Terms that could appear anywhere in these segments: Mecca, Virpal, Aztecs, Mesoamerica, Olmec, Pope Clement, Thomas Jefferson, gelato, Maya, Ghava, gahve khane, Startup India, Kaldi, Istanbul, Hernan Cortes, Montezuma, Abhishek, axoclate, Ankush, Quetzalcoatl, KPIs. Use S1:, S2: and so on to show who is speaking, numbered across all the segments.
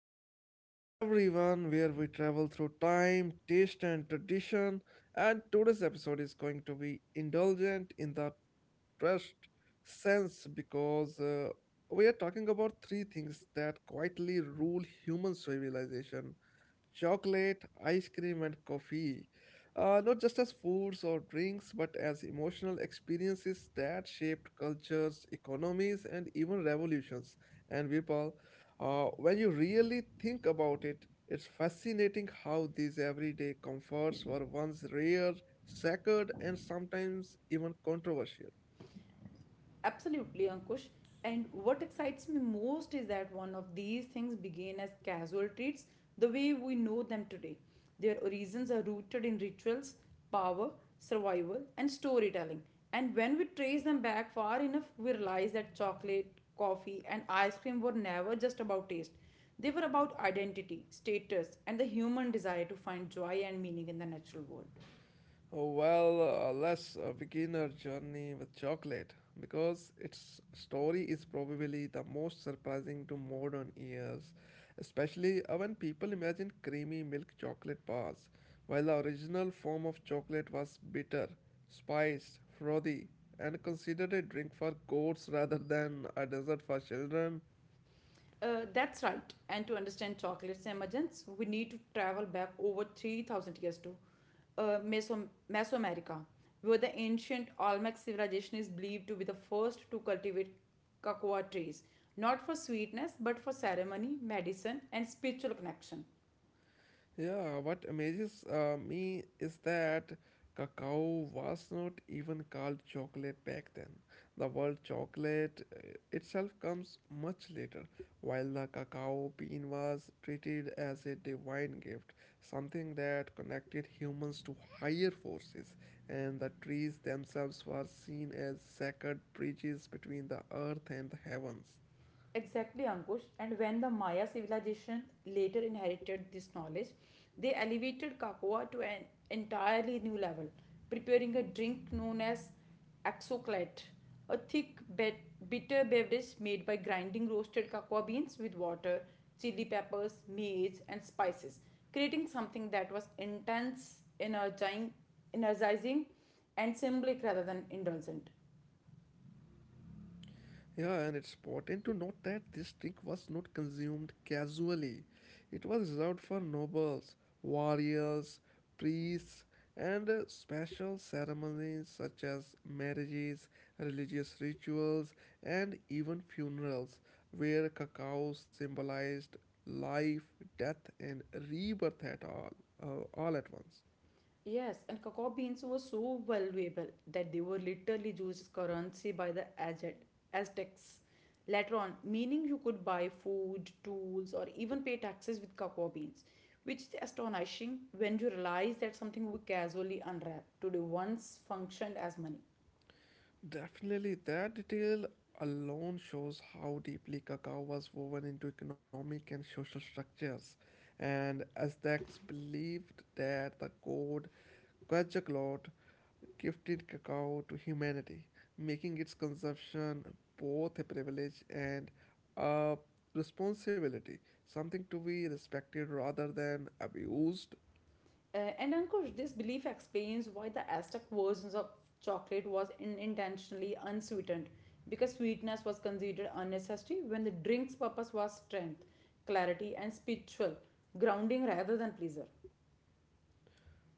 S1: podcast, everyone, where we travel through time, taste, and tradition. And today's episode is going to be indulgent in the trust sense because we are talking about three things that quietly rule human civilization: chocolate, ice cream, and coffee, not just as foods or drinks, but as emotional experiences that shaped cultures, economies, and even revolutions. And Virpal, when you really think about it, it's fascinating how these everyday comforts were once rare, sacred, and sometimes even controversial.
S2: Absolutely, Ankush. And what excites me most is that one of these things began as casual treats the way we know them today. Their origins are rooted in rituals, power, survival, and storytelling. And when we trace them back far enough, we realize that chocolate, coffee, and ice cream were never just about taste. They were about identity, status, and the human desire to find joy and meaning in the natural world.
S1: Oh, well, let's begin our journey with chocolate because its story is probably the most surprising to modern ears, especially when people imagine creamy milk chocolate bars, while the original form of chocolate was bitter, spiced, frothy, and considered a drink for goats rather than a dessert for children.
S2: That's right. And to understand chocolate's emergence, we need to travel back over 3000 years to Mesoamerica, where the ancient Olmec civilization is believed to be the first to cultivate cocoa trees, not for sweetness but for ceremony, medicine, and spiritual connection.
S1: Yeah, what amazes me is that cacao was not even called chocolate back then. The word chocolate itself comes much later, while the cacao bean was treated as a divine gift, something that connected humans to higher forces, and the trees themselves were seen as sacred bridges between the earth and the heavens.
S2: Exactly, Ankush. And when the Maya civilization later inherited this knowledge, they elevated cocoa to an entirely new level, preparing a drink known as axoclate, a bitter beverage made by grinding roasted cocoa beans with water, chili peppers, maize, and spices, creating something that was intense, energizing and symbolic rather than indulgent.
S1: Yeah, and it's important to note that this drink was not consumed casually. It was reserved for nobles, warriors, priests, and special ceremonies such as marriages, religious rituals, and even funerals, where cacao symbolized life, death, and rebirth, all at once.
S2: Yes, and cocoa beans were so valuable that they were literally used as currency by the Aztecs later on, meaning you could buy food, tools, or even pay taxes with cocoa beans, which is astonishing when you realize that something we casually unwrap today once functioned as money.
S1: Definitely, that detail alone shows how deeply cacao was woven into economic and social structures. And Aztecs believed that the god Quetzalcoatl gifted cacao to humanity, making its consumption both a privilege and a responsibility, something to be respected rather than abused.
S2: And Ankush, this belief explains why the Aztec versions of chocolate was intentionally unsweetened because sweetness was considered unnecessary when the drink's purpose was strength, clarity, and spiritual grounding rather than pleasure.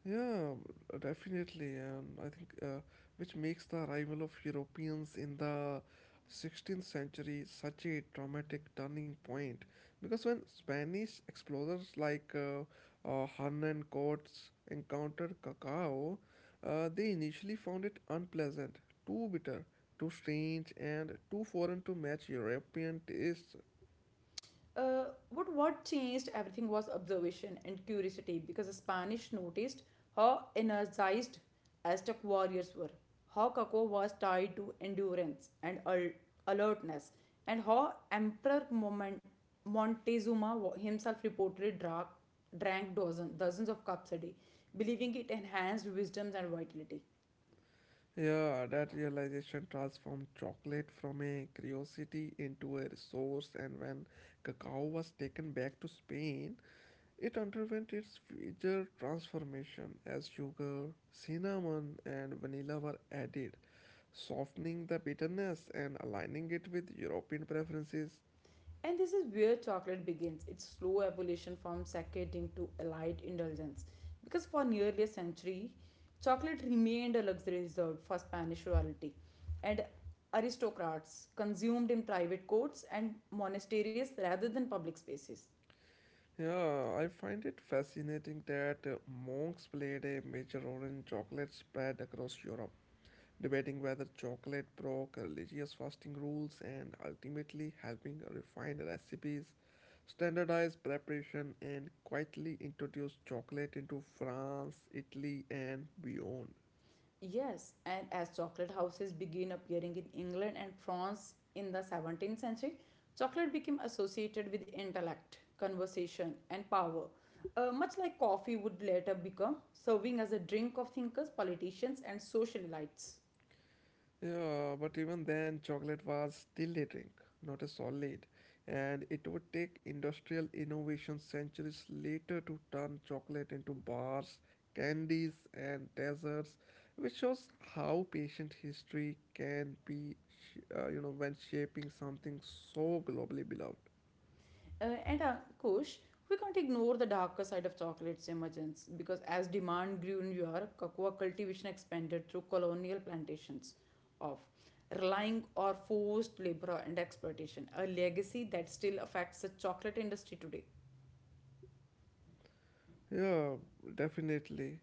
S1: Yeah, definitely, and I think which makes the arrival of Europeans in the 16th century such a dramatic turning point. Because when Spanish explorers like Hernan Cortes encountered cacao, they initially found it unpleasant, too bitter, too strange, and too foreign to match European tastes.
S2: uh, what changed everything was observation and curiosity because the Spanish noticed how energized Aztec warriors were, how Kako was tied to endurance and alertness, and how Emperor himself reportedly drank dozens of cups a day, believing it enhanced wisdom and vitality.
S1: Yeah, that realization transformed chocolate from a curiosity into a resource, and when cacao was taken back to Spain, it underwent its major transformation as sugar, cinnamon, and vanilla were added, softening the bitterness and aligning it with European preferences.
S2: And this is where chocolate begins its slow evolution from saccading to a light indulgence. Because for nearly a century, chocolate remained a luxury reserved for Spanish royalty, and aristocrats consumed in private courts and monasteries rather than public spaces.
S1: Yeah, I find it fascinating that monks played a major role in chocolate spread across Europe, debating whether chocolate broke religious fasting rules and ultimately helping refine recipes, standardize preparation, and quietly introduce chocolate into France, Italy, and beyond.
S2: Yes, and as chocolate houses began appearing in England and France in the 17th century, chocolate became associated with intellect, conversation, and power. Much like coffee would later become, serving as a drink of thinkers, politicians, and social elites.
S1: Yeah, but even then, chocolate was still a drink, not a solid, and it would take industrial innovation centuries later to turn chocolate into bars, candies, and desserts, which shows how patient history can be, you know, when shaping something so globally beloved.
S2: And Kush, we can't ignore the darker side of chocolate's emergence because as demand grew in Europe, cocoa cultivation expanded through colonial plantations of relying on forced labor and exploitation, a legacy that still affects the chocolate industry today.
S1: Yeah, definitely.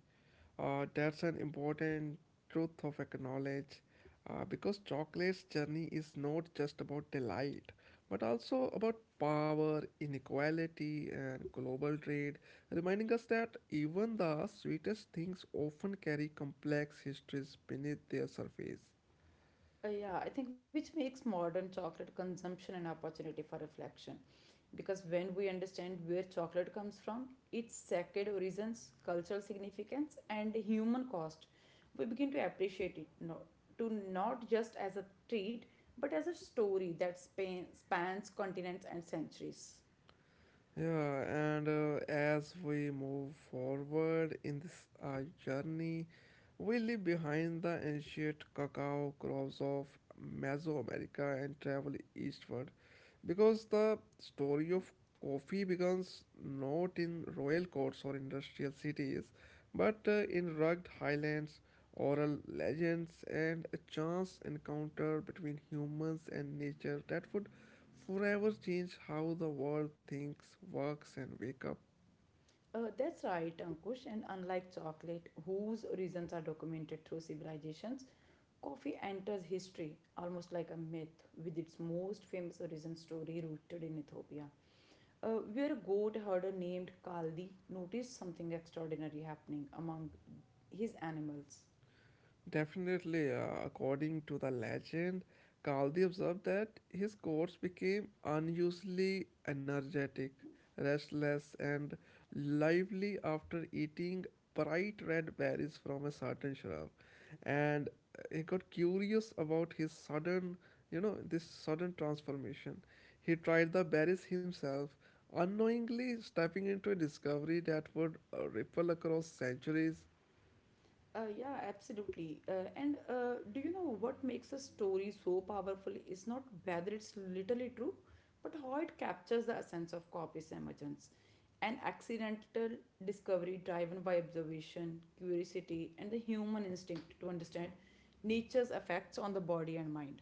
S1: That's an important truth of acknowledge, because chocolate's journey is not just about delight but also about power, inequality, and global trade, reminding us that even the sweetest things often carry complex histories beneath their surface.
S2: Yeah, I think which makes modern chocolate consumption an opportunity for reflection. Because when we understand where chocolate comes from, its sacred origins, cultural significance, and human cost, we begin to appreciate it no, to not just as a treat, but as a story that spans continents and centuries.
S1: Yeah, and as we move forward in this journey, we leave behind the ancient cacao crops of Mesoamerica and travel eastward because the story of coffee begins not in royal courts or industrial cities but in rugged highlands, oral legends, and a chance encounter between humans and nature that would forever change how the world thinks, works, and wake up.
S2: That's right, Ankush. And unlike chocolate, whose origins are documented through civilizations, coffee enters history almost like a myth, with its most famous origin story rooted in Ethiopia, where a goat herder named Kaldi noticed something extraordinary happening among his animals.
S1: Definitely, according to the legend, Kaldi observed that his courts became unusually energetic, restless, and lively after eating bright red berries from a certain shrub. And he got curious about his sudden, you know, this sudden transformation. He tried the berries himself, unknowingly stepping into a discovery that would ripple across centuries.
S2: Yeah, absolutely. And Do you know what makes a story so powerful is not whether it's literally true, but how it captures the essence of copy's emergence. An accidental discovery driven by observation, curiosity, and the human instinct to understand nature's effects on the body and mind.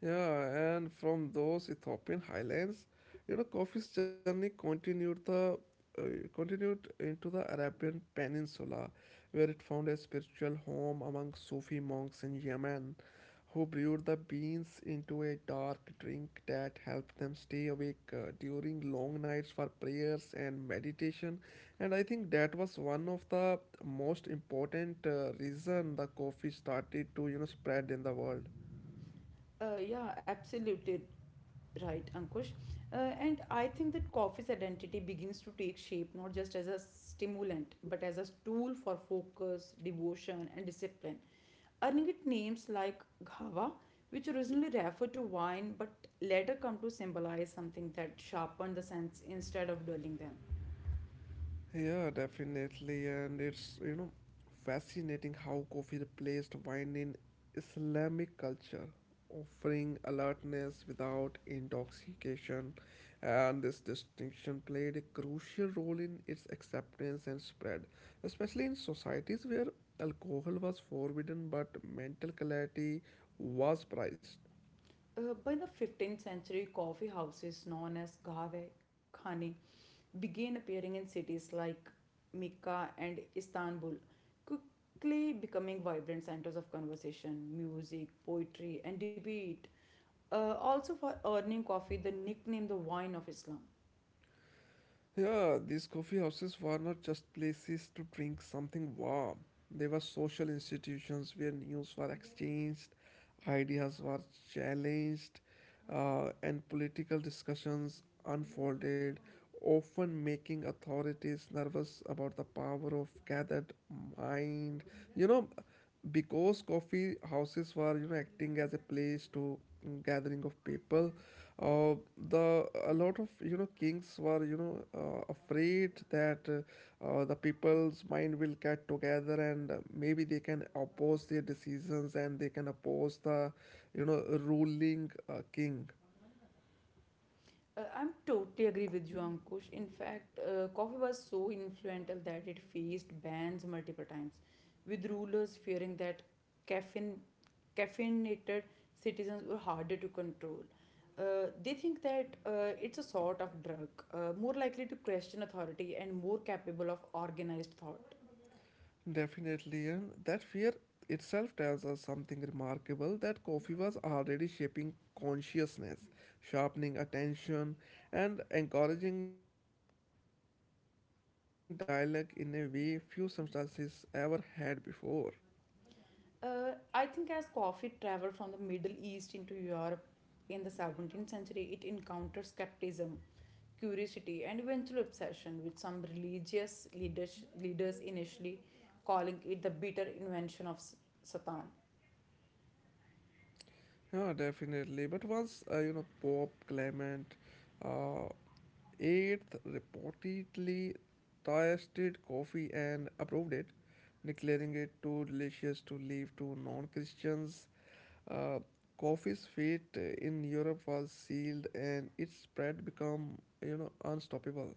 S1: Yeah, and from those Ethiopian highlands, you know, coffee's journey uh, continued into the Arabian Peninsula, where it found a spiritual home among Sufi monks in Yemen, who brewed the beans into a dark drink that helped them stay awake during long nights for prayers and meditation. And I think that was one of the most important reason the coffee started to, you know, spread in the world.
S2: Yeah, absolutely right, Ankush. And I think that coffee's identity begins to take shape not just as a stimulant, but as a tool for focus, devotion, and discipline. Earning it names like Ghava, which originally referred to wine but later come to symbolize something that sharpened the sense instead of dulling them.
S1: Yeah, definitely. And it's, you know, fascinating how coffee replaced wine in Islamic culture, offering alertness without intoxication. And this distinction played a crucial role in its acceptance and spread, especially in societies where alcohol was forbidden but mental clarity was prized.
S2: By the 15th century, coffee houses known as gahve khane began appearing in cities like Mecca and Istanbul, quickly becoming vibrant centers of conversation, music, poetry, and debate. Also, for earning coffee, the nickname the wine of Islam.
S1: Yeah, these coffee houses were not just places to drink something warm. They were social institutions where news were exchanged, ideas were challenged, and political discussions unfolded, often making authorities nervous about the power of gathered mind. You know, because coffee houses were, you know, acting as a place to gathering of people, uh, the a lot of, you know, kings were, you know, afraid that the people's mind will get together and maybe they can oppose their decisions and they can oppose the, you know, ruling king.
S2: I'm totally agree with you, Ankush. In fact, coffee was so influential that it faced bans multiple times, with rulers fearing that caffeine, caffeinated citizens were harder to control. They think that it's a sort of drug, more likely to question authority and more capable of organized thought.
S1: Definitely, and that fear itself tells us something remarkable, that coffee was already shaping consciousness, sharpening attention, and encouraging dialogue in a way few substances ever had before.
S2: I think as coffee traveled from the Middle East into Europe in the 17th century, it encountered skepticism curiosity, and eventual obsession, with some religious leaders initially calling it the bitter invention of Satan.
S1: Yeah, definitely. But once you know, Pope Clement uh, eighth reportedly tasted coffee and approved it, declaring it too delicious to leave to non-Christians. Uh, Coffee's fate in Europe was sealed, and its spread become, you know, unstoppable.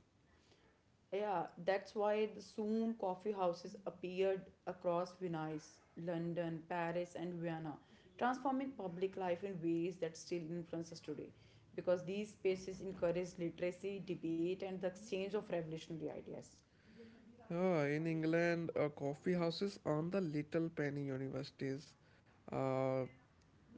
S2: Yeah, that's why the soon coffee houses appeared across Venice, London, Paris, and Vienna, transforming public life in ways that still influence us today. Because these spaces encourage literacy, debate, and the exchange of revolutionary ideas.
S1: In England, coffee houses on the little penny universities, uh,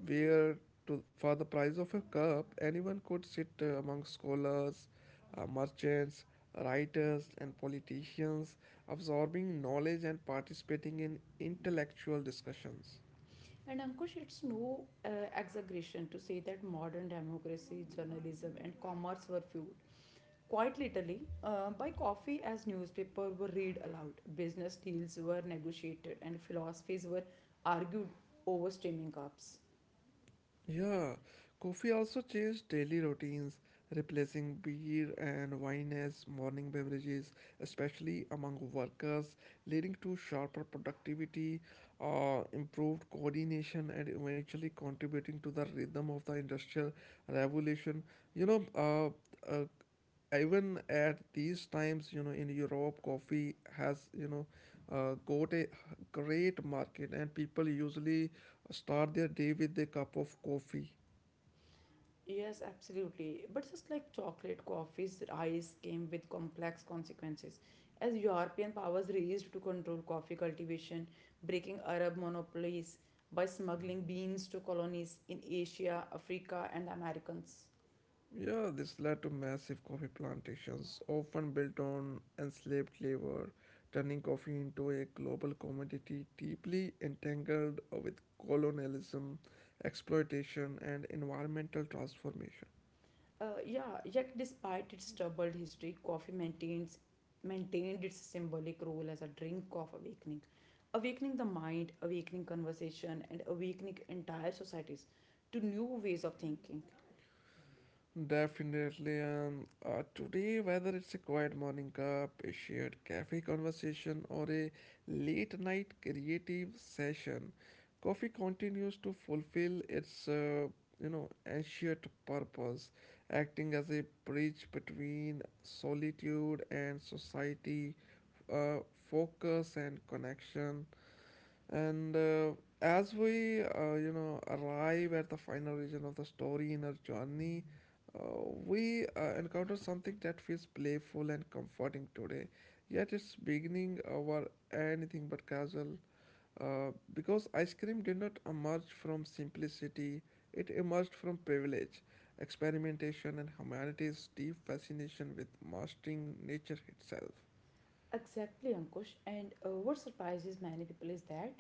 S1: where to, for the price of a cup, anyone could sit among scholars, merchants, writers, and politicians, absorbing knowledge and participating in intellectual discussions.
S2: And Ankush, it's no exaggeration to say that modern democracy, journalism, and commerce were fueled quite literally by coffee, as newspapers were read aloud, business deals were negotiated, and philosophies were argued over steaming cups.
S1: Yeah, coffee also changed daily routines, replacing beer and wine as morning beverages, especially among workers, leading to sharper productivity, improved coordination, and eventually contributing to the rhythm of the industrial revolution. You know, uh, uh, even at these times, you know, in europe coffee has, you know, got a great market and people usually start their day with a cup of coffee.
S2: Yes, absolutely. But just like chocolate, coffee's rise came with complex consequences. As European powers raced to control coffee cultivation, breaking Arab monopolies by smuggling beans to colonies in Asia, Africa, and the Americans.
S1: Yeah, this led to massive coffee plantations often built on enslaved labor, turning coffee into a global commodity deeply entangled with colonialism, exploitation, and environmental transformation.
S2: Yeah, yet despite its troubled history, coffee maintains maintained its symbolic role as a drink of awakening, awakening the mind, awakening conversation, and awakening entire societies to new ways of thinking.
S1: Definitely, and today, whether it's a quiet morning cup, a shared cafe conversation, or a late night creative session, coffee continues to fulfill its you know, ancient purpose, acting as a bridge between solitude and society, uh, focus and connection. And as we, you know, arrive at the final region of the story in our journey, uh, we encounter something that feels playful and comforting today. Yet its beginning were anything but casual, because ice cream did not emerge from simplicity; it emerged from privilege, experimentation, and humanity's deep fascination with mastering nature itself.
S2: Exactly, Ankush. And what surprises many people is that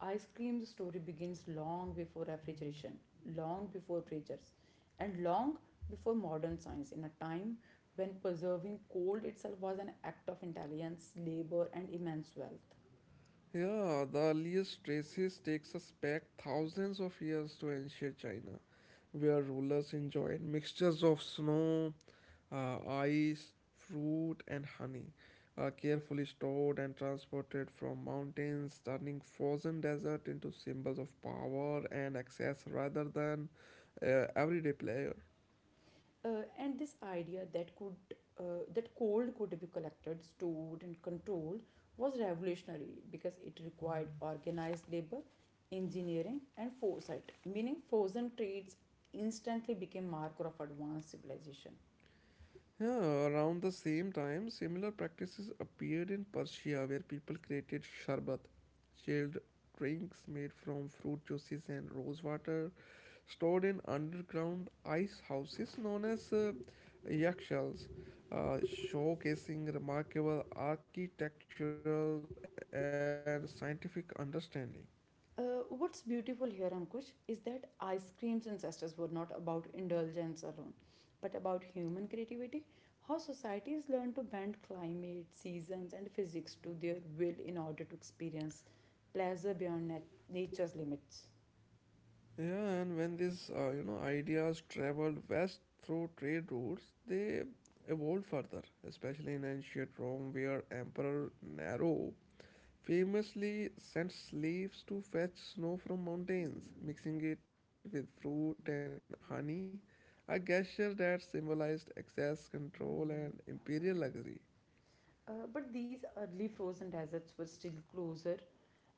S2: ice cream's story begins long before refrigeration, long before freezers, and long before modern science, in a time when preserving cold itself was an act of intelligence, labor, and immense wealth.
S1: Yeah, the earliest traces takes us back thousands of years to ancient China, where rulers enjoyed mixtures of snow, ice, fruit, and honey, carefully stored and transported from mountains, turning frozen desert into symbols of power and access rather than everyday pleasure.
S2: And this idea that cold could be collected, stored, and controlled was revolutionary because it required organized labor, engineering, and foresight. Meaning, frozen trades instantly became marker of advanced civilization.
S1: Yeah, around the same time, similar practices appeared in Persia where people created sharbat, chilled drinks made from fruit juices and rose water, stored in underground ice houses known as yakshals, showcasing remarkable architectural and scientific understanding.
S2: Uh, what's beautiful here, Ankush, is that ice cream's ancestors were not about indulgence alone, but about human creativity, how societies learn to bend climate, seasons, and physics to their will in order to experience pleasure beyond nature's limits.
S1: Yeah, and when these you know, ideas traveled west through trade routes, they evolved further, especially in ancient Rome, where Emperor Nero famously sent slaves to fetch snow from mountains, mixing it with fruit and honey, a gesture that symbolized excess control and imperial luxury.
S2: But these early frozen deserts were still closer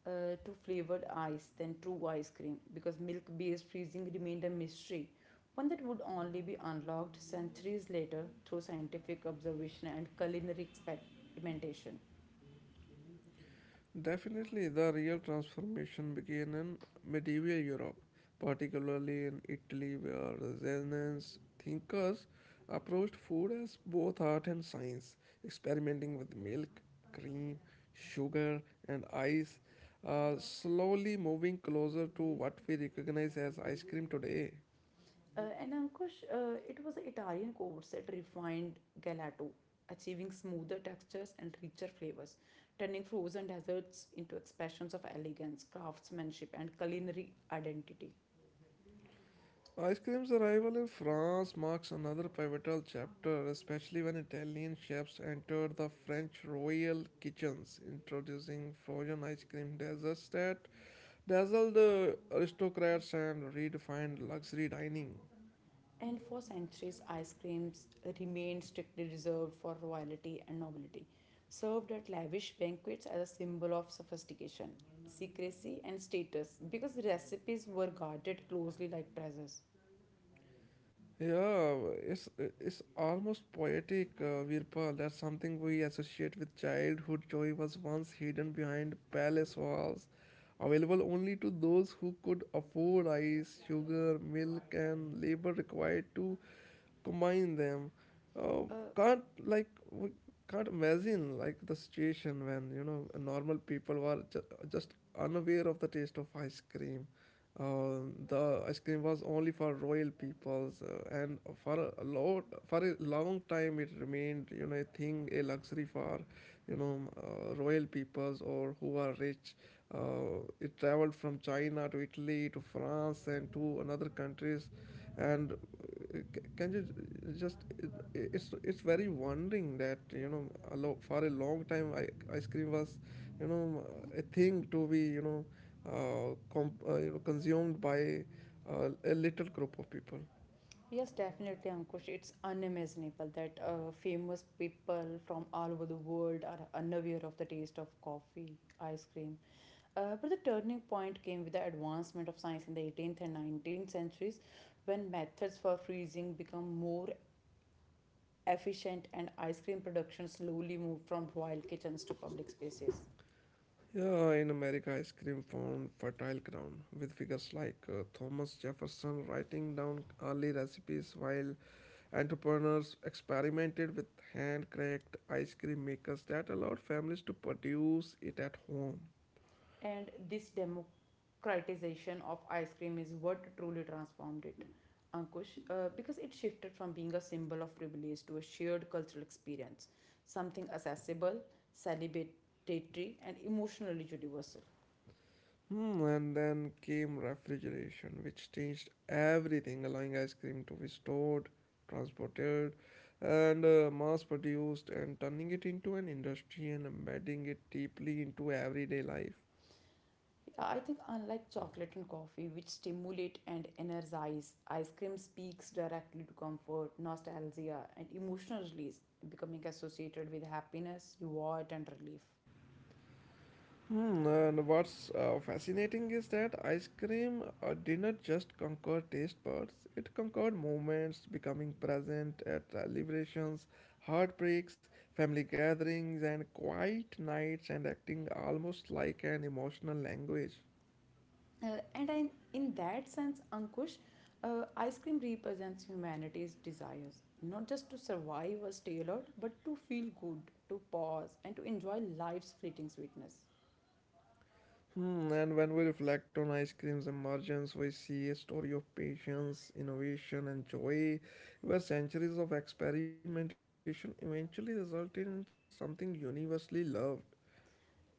S2: to flavored ice than true ice cream because milk based freezing remained a mystery, one that would only be unlocked centuries later through scientific observation and culinary experimentation.
S1: Definitely, the real transformation began in medieval Europe, particularly in Italy, where Renaissance thinkers approached food as both art and science, experimenting with milk, cream, sugar, and ice, slowly moving closer to what we recognize as ice cream today.
S2: And Ankush, it was the Italian courts that refined gelato, achieving smoother textures and richer flavors, turning frozen desserts into expressions of elegance, craftsmanship, and culinary identity.
S1: Ice cream's arrival in France marks another pivotal chapter, especially when Italian chefs entered the French royal kitchens, introducing frozen ice cream desserts that dazzled aristocrats and redefined luxury dining.
S2: And for centuries, ice creams remained strictly reserved for royalty and nobility, served at lavish banquets as a symbol of sophistication, secrecy, and status because recipes were guarded closely like treasures.
S1: Yeah, it's it's almost poetic, Virpal. That's something we associate with childhood joy was once hidden behind palace walls, available only to those who could afford ice, sugar, milk, and labor required to combine them. Uh,
S2: Uh,
S1: can't like we can't imagine like the situation when, you know, normal people were just unaware of the taste of ice cream. Uh, the ice cream was only for royal peoples, and for a long time, it remained, you know, a thing, a luxury for, you know, royal peoples or who are rich. It traveled from China to Italy to France and to another countries and c- can you j- just it, it's very wondering that for a long time ice cream was you know a thing to be consumed by a little group of people.
S2: Yes, definitely, Ankush. It's unimaginable that famous people from all over the world are unaware of the taste of coffee, ice cream. But the turning point came with the advancement of science in the 18th and 19th centuries when methods for freezing become more efficient and ice cream production slowly moved from royal kitchens to public spaces.
S1: Yeah, in America, ice cream found fertile ground with figures like Thomas Jefferson writing down early recipes while entrepreneurs experimented with hand-cracked ice cream makers that allowed families to produce it at home.
S2: And this democratization of ice cream is what truly transformed it, Ankush, because it shifted from being a symbol of privilege to a shared cultural experience, something accessible, celebratory, and emotionally universal.
S1: Hmm, and then came refrigeration, which changed everything, allowing ice cream to be stored, transported, and mass produced, and turning it into an industry and embedding it deeply into everyday life.
S2: Yeah, I think unlike chocolate and coffee, which stimulate and energize, ice cream speaks directly to comfort, nostalgia, and emotional release, becoming associated with happiness, reward, and relief.
S1: Hmm, and what's fascinating is that ice cream did not just conquer taste buds, it conquered moments, becoming present at liberations, heartbreaks, family gatherings, and quiet nights, and acting almost like an emotional language.
S2: Uh, and I, in that sense, Ankush, ice cream represents humanity's desires, not just to survive or stay alert, but to feel good, to pause, and to enjoy life's fleeting sweetness.
S1: Hmm, and when we reflect on ice cream's emergence, we see a story of patience, innovation, and joy, where centuries of experimentation eventually resulted in something universally loved.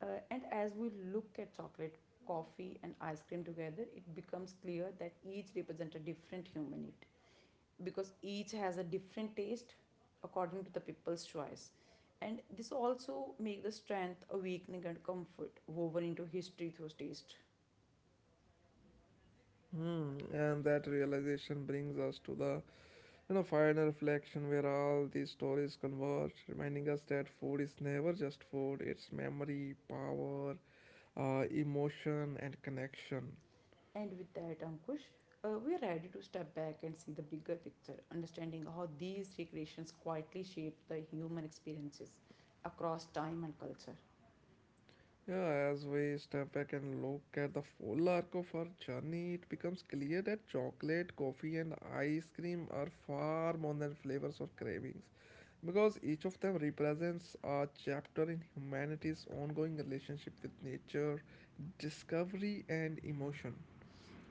S2: And as we look at chocolate, coffee, and ice cream together, it becomes clear that each represents a different human need because each has a different taste according to the people's choice. And this also make the strength, awakening, and comfort woven into history through taste.
S1: Hmm, and that realization brings us to the final reflection where all these stories converge, reminding us that food is never just food; it's memory, power, emotion, and connection.
S2: And with that, Ankush, we are ready to step back and see the bigger picture, understanding how these recreations quietly shape the human experiences across time and culture.
S1: Yeah, as we step back and look at the full arc of our journey, it becomes clear that chocolate, coffee, and ice cream are far more than flavors or cravings, because each of them represents a chapter in humanity's ongoing relationship with nature, discovery, and emotion.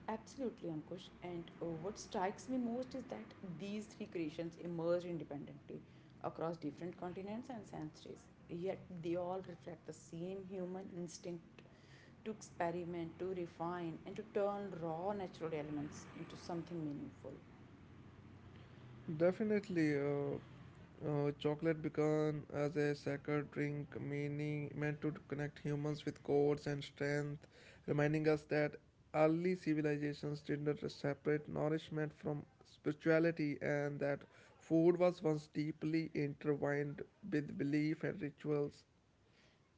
S2: Absolutely, Ankush. And what strikes me most is that these three creations emerge independently across different continents and centuries, yet they all reflect the same human instinct to experiment, to refine, and to turn raw natural elements into something meaningful.
S1: Definitely, chocolate began as a sacred drink, meaning meant to connect humans with gods and strength, reminding us that early civilizations did not separate nourishment from spirituality, and that food was once deeply intertwined with belief and rituals.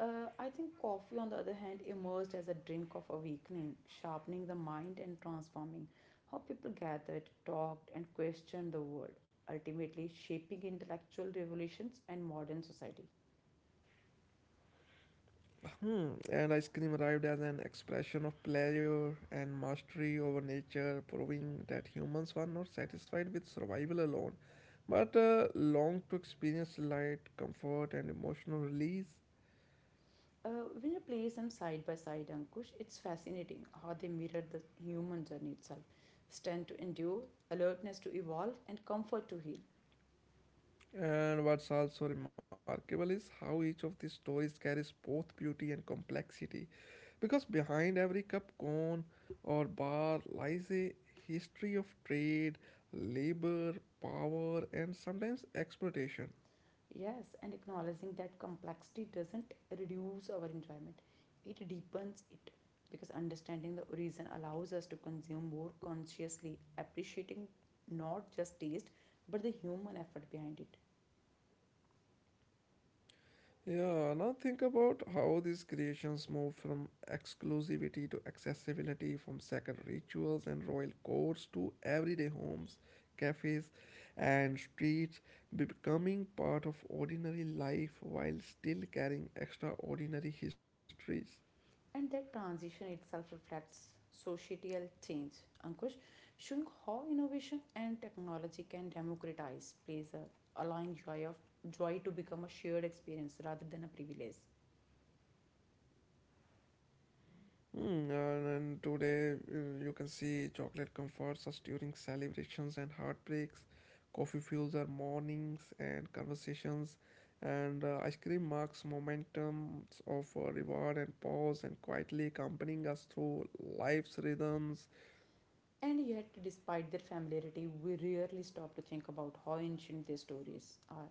S2: I think coffee, on the other hand, emerged as a drink of awakening, sharpening the mind and transforming how people gathered, talked, and questioned the world, ultimately shaping intellectual revolutions and modern society.
S1: Hmm. And ice cream arrived as an expression of pleasure and mastery over nature, proving that humans were not satisfied with survival alone, but longed to experience light, comfort, and emotional release.
S2: Uh, when you place them side by side, Ankush, it's fascinating how they mirror the human journey itself strength to endure, alertness to evolve, and comfort to heal.
S1: And what's also remarkable is how each of these stories carries both beauty and complexity, because behind every cup, cone, or bar lies a history of trade, labor, power, and sometimes exploitation.
S2: Yes, and acknowledging that complexity doesn't reduce our enjoyment, it deepens it. Because understanding the origin allows us to consume more consciously, appreciating not just taste but the human effort behind it.
S1: Yeah, now think about how these creations move from exclusivity to accessibility, from sacred rituals and royal courts to everyday homes, cafes, and streets, becoming part of ordinary life while still carrying extraordinary histories.
S2: And that transition itself reflects societal change. Ankush, showing how innovation and technology can democratize pleasure, allowing joy to become a shared experience rather than a privilege.
S1: Hmm, and today you can see chocolate comforts us during celebrations and heartbreaks. Coffee fuels our mornings and conversations, and ice cream marks momentum of reward and pause, and quietly accompanying us through life's rhythms.
S2: And yet, despite their familiarity, we rarely stop to think about how ancient their stories are,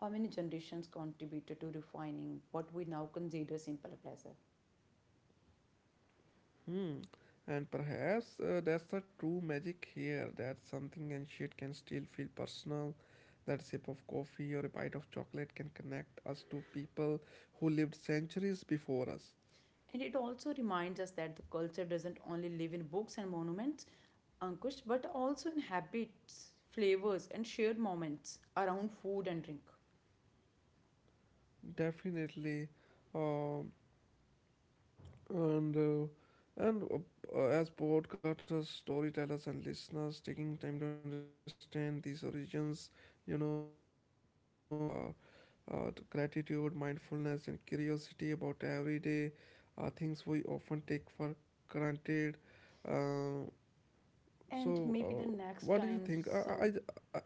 S2: how many generations contributed to refining what we now consider simple pleasure.
S1: Hmm. And perhaps that's the true magic here that something and shit can still feel personal. That sip of coffee or a bite of chocolate can connect us to people who lived centuries before us.
S2: And it also reminds us that the culture doesn't only live in books and monuments, Ankush, but also in habits, flavors, and shared moments around food and drink.
S1: Definitely. Um. and uh, and As broadcasters, storytellers, and listeners, taking time to understand these origins, encourages to gratitude, mindfulness, and curiosity about everyday things we often take for granted. Uh,
S2: And
S1: so,
S2: maybe the
S1: uh,
S2: next
S1: what do you
S2: time
S1: think?
S2: some
S1: I-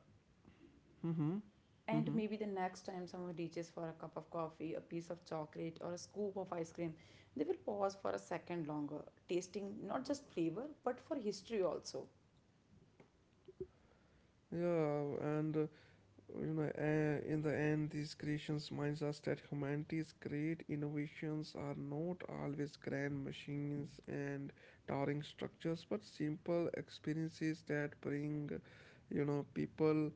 S2: And
S1: mhm.
S2: maybe the next time someone reaches for a cup of coffee, a piece of chocolate, or a scoop of ice cream, they will pause for a second longer, tasting not just flavor but for history also.
S1: Yeah, in the end, these creations reminds us that humanity's great innovations are not always grand machines and towering structures, but simple experiences that bring, people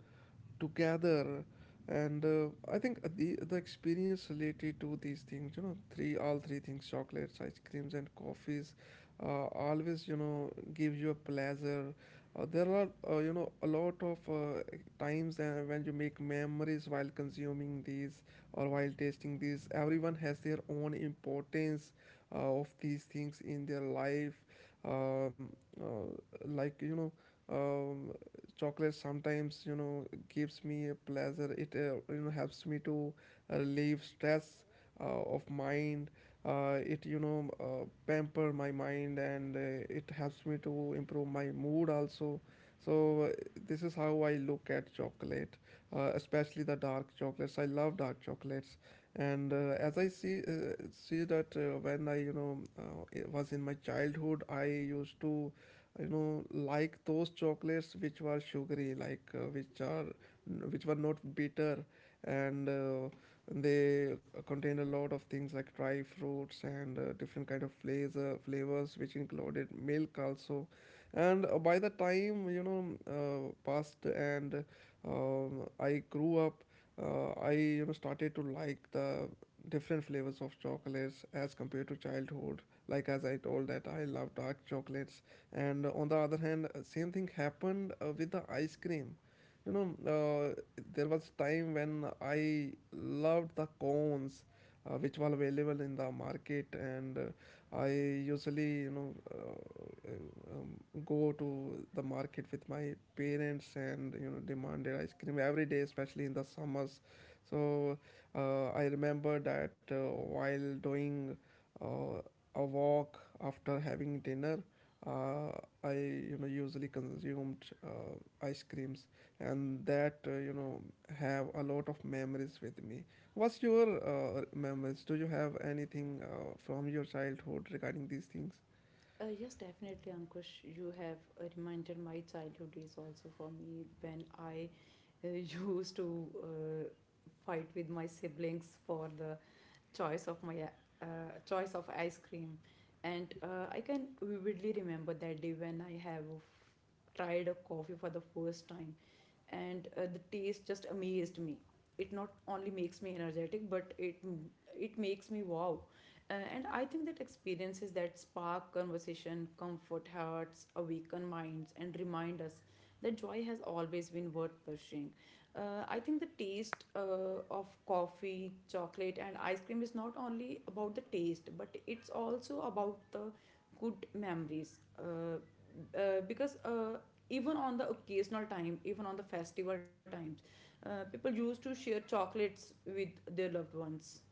S1: together. And I think the experience related to these things, you know, three all three things, chocolates, ice creams, and coffees, always give you a pleasure. There are a lot of times when you make memories while consuming these or while tasting these. Everyone has their own importance of these things in their life. um, uh, like you know um, Chocolate sometimes gives me a pleasure. It helps me to relieve stress of mind. It pamper my mind and it helps me to improve my mood also, so this is how I look at chocolate, especially the dark chocolates. I love dark chocolates. And uh, as i see uh, see that when I you know it was in my childhood, I used to like those chocolates which were sugary, which were not bitter and they contained a lot of things like dry fruits and different kind of flavors, which included milk also. And by the time passed and I grew up, I started to like the different flavors of chocolates as compared to childhood. Like as I told that I love dark chocolates, and on the other hand, same thing happened with the ice cream. You know, uh, there was time when I loved the cones, which were available in the market, and I usually uh, um, go to the market with my parents and demanded ice cream every day, especially in the summers. So I remember that while doing uh, a walk after having dinner, uh, I usually consumed ice creams, and that have a lot of memories with me. What's your memories? Do you have anything from your childhood regarding these things?
S2: Yes, definitely, Ankush. You have reminded my childhood days also for me when I uh, used to fight with my siblings for the choice of my uh, choice of ice cream, and I can vividly remember that day when I have tried a coffee for the first time and the taste just amazed me. It not only makes me energetic but it makes me wow. And I think that experiences that spark conversation comfort hearts awaken minds and remind us that joy has always been worth pursuing. I think the taste of coffee chocolate and ice cream is not only about the taste but it's also about the good memories because even on the occasional time even on the festival times people used to share chocolates with their loved ones.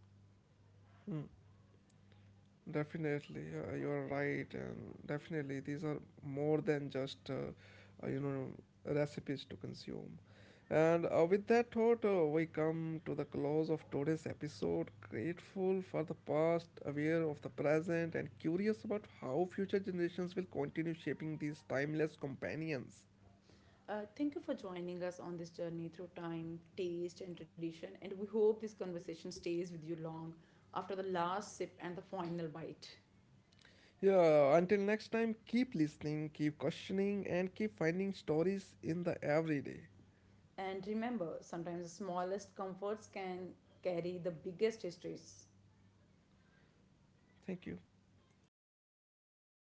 S1: Definitely, you're right, and definitely these are more than just uh, you know recipes to consume. And with that thought, we come to the close of today's episode. Grateful for the past, aware of the present, and curious about how future generations will continue shaping these timeless companions.
S2: Thank you for joining us on this journey through time taste and tradition and we hope this conversation stays with you long after the last sip and the final bite.
S1: Yeah, until next time, keep listening, keep questioning, and keep finding stories in the everyday.
S2: And remember sometimes the smallest comforts can carry the biggest histories.
S1: Thank you.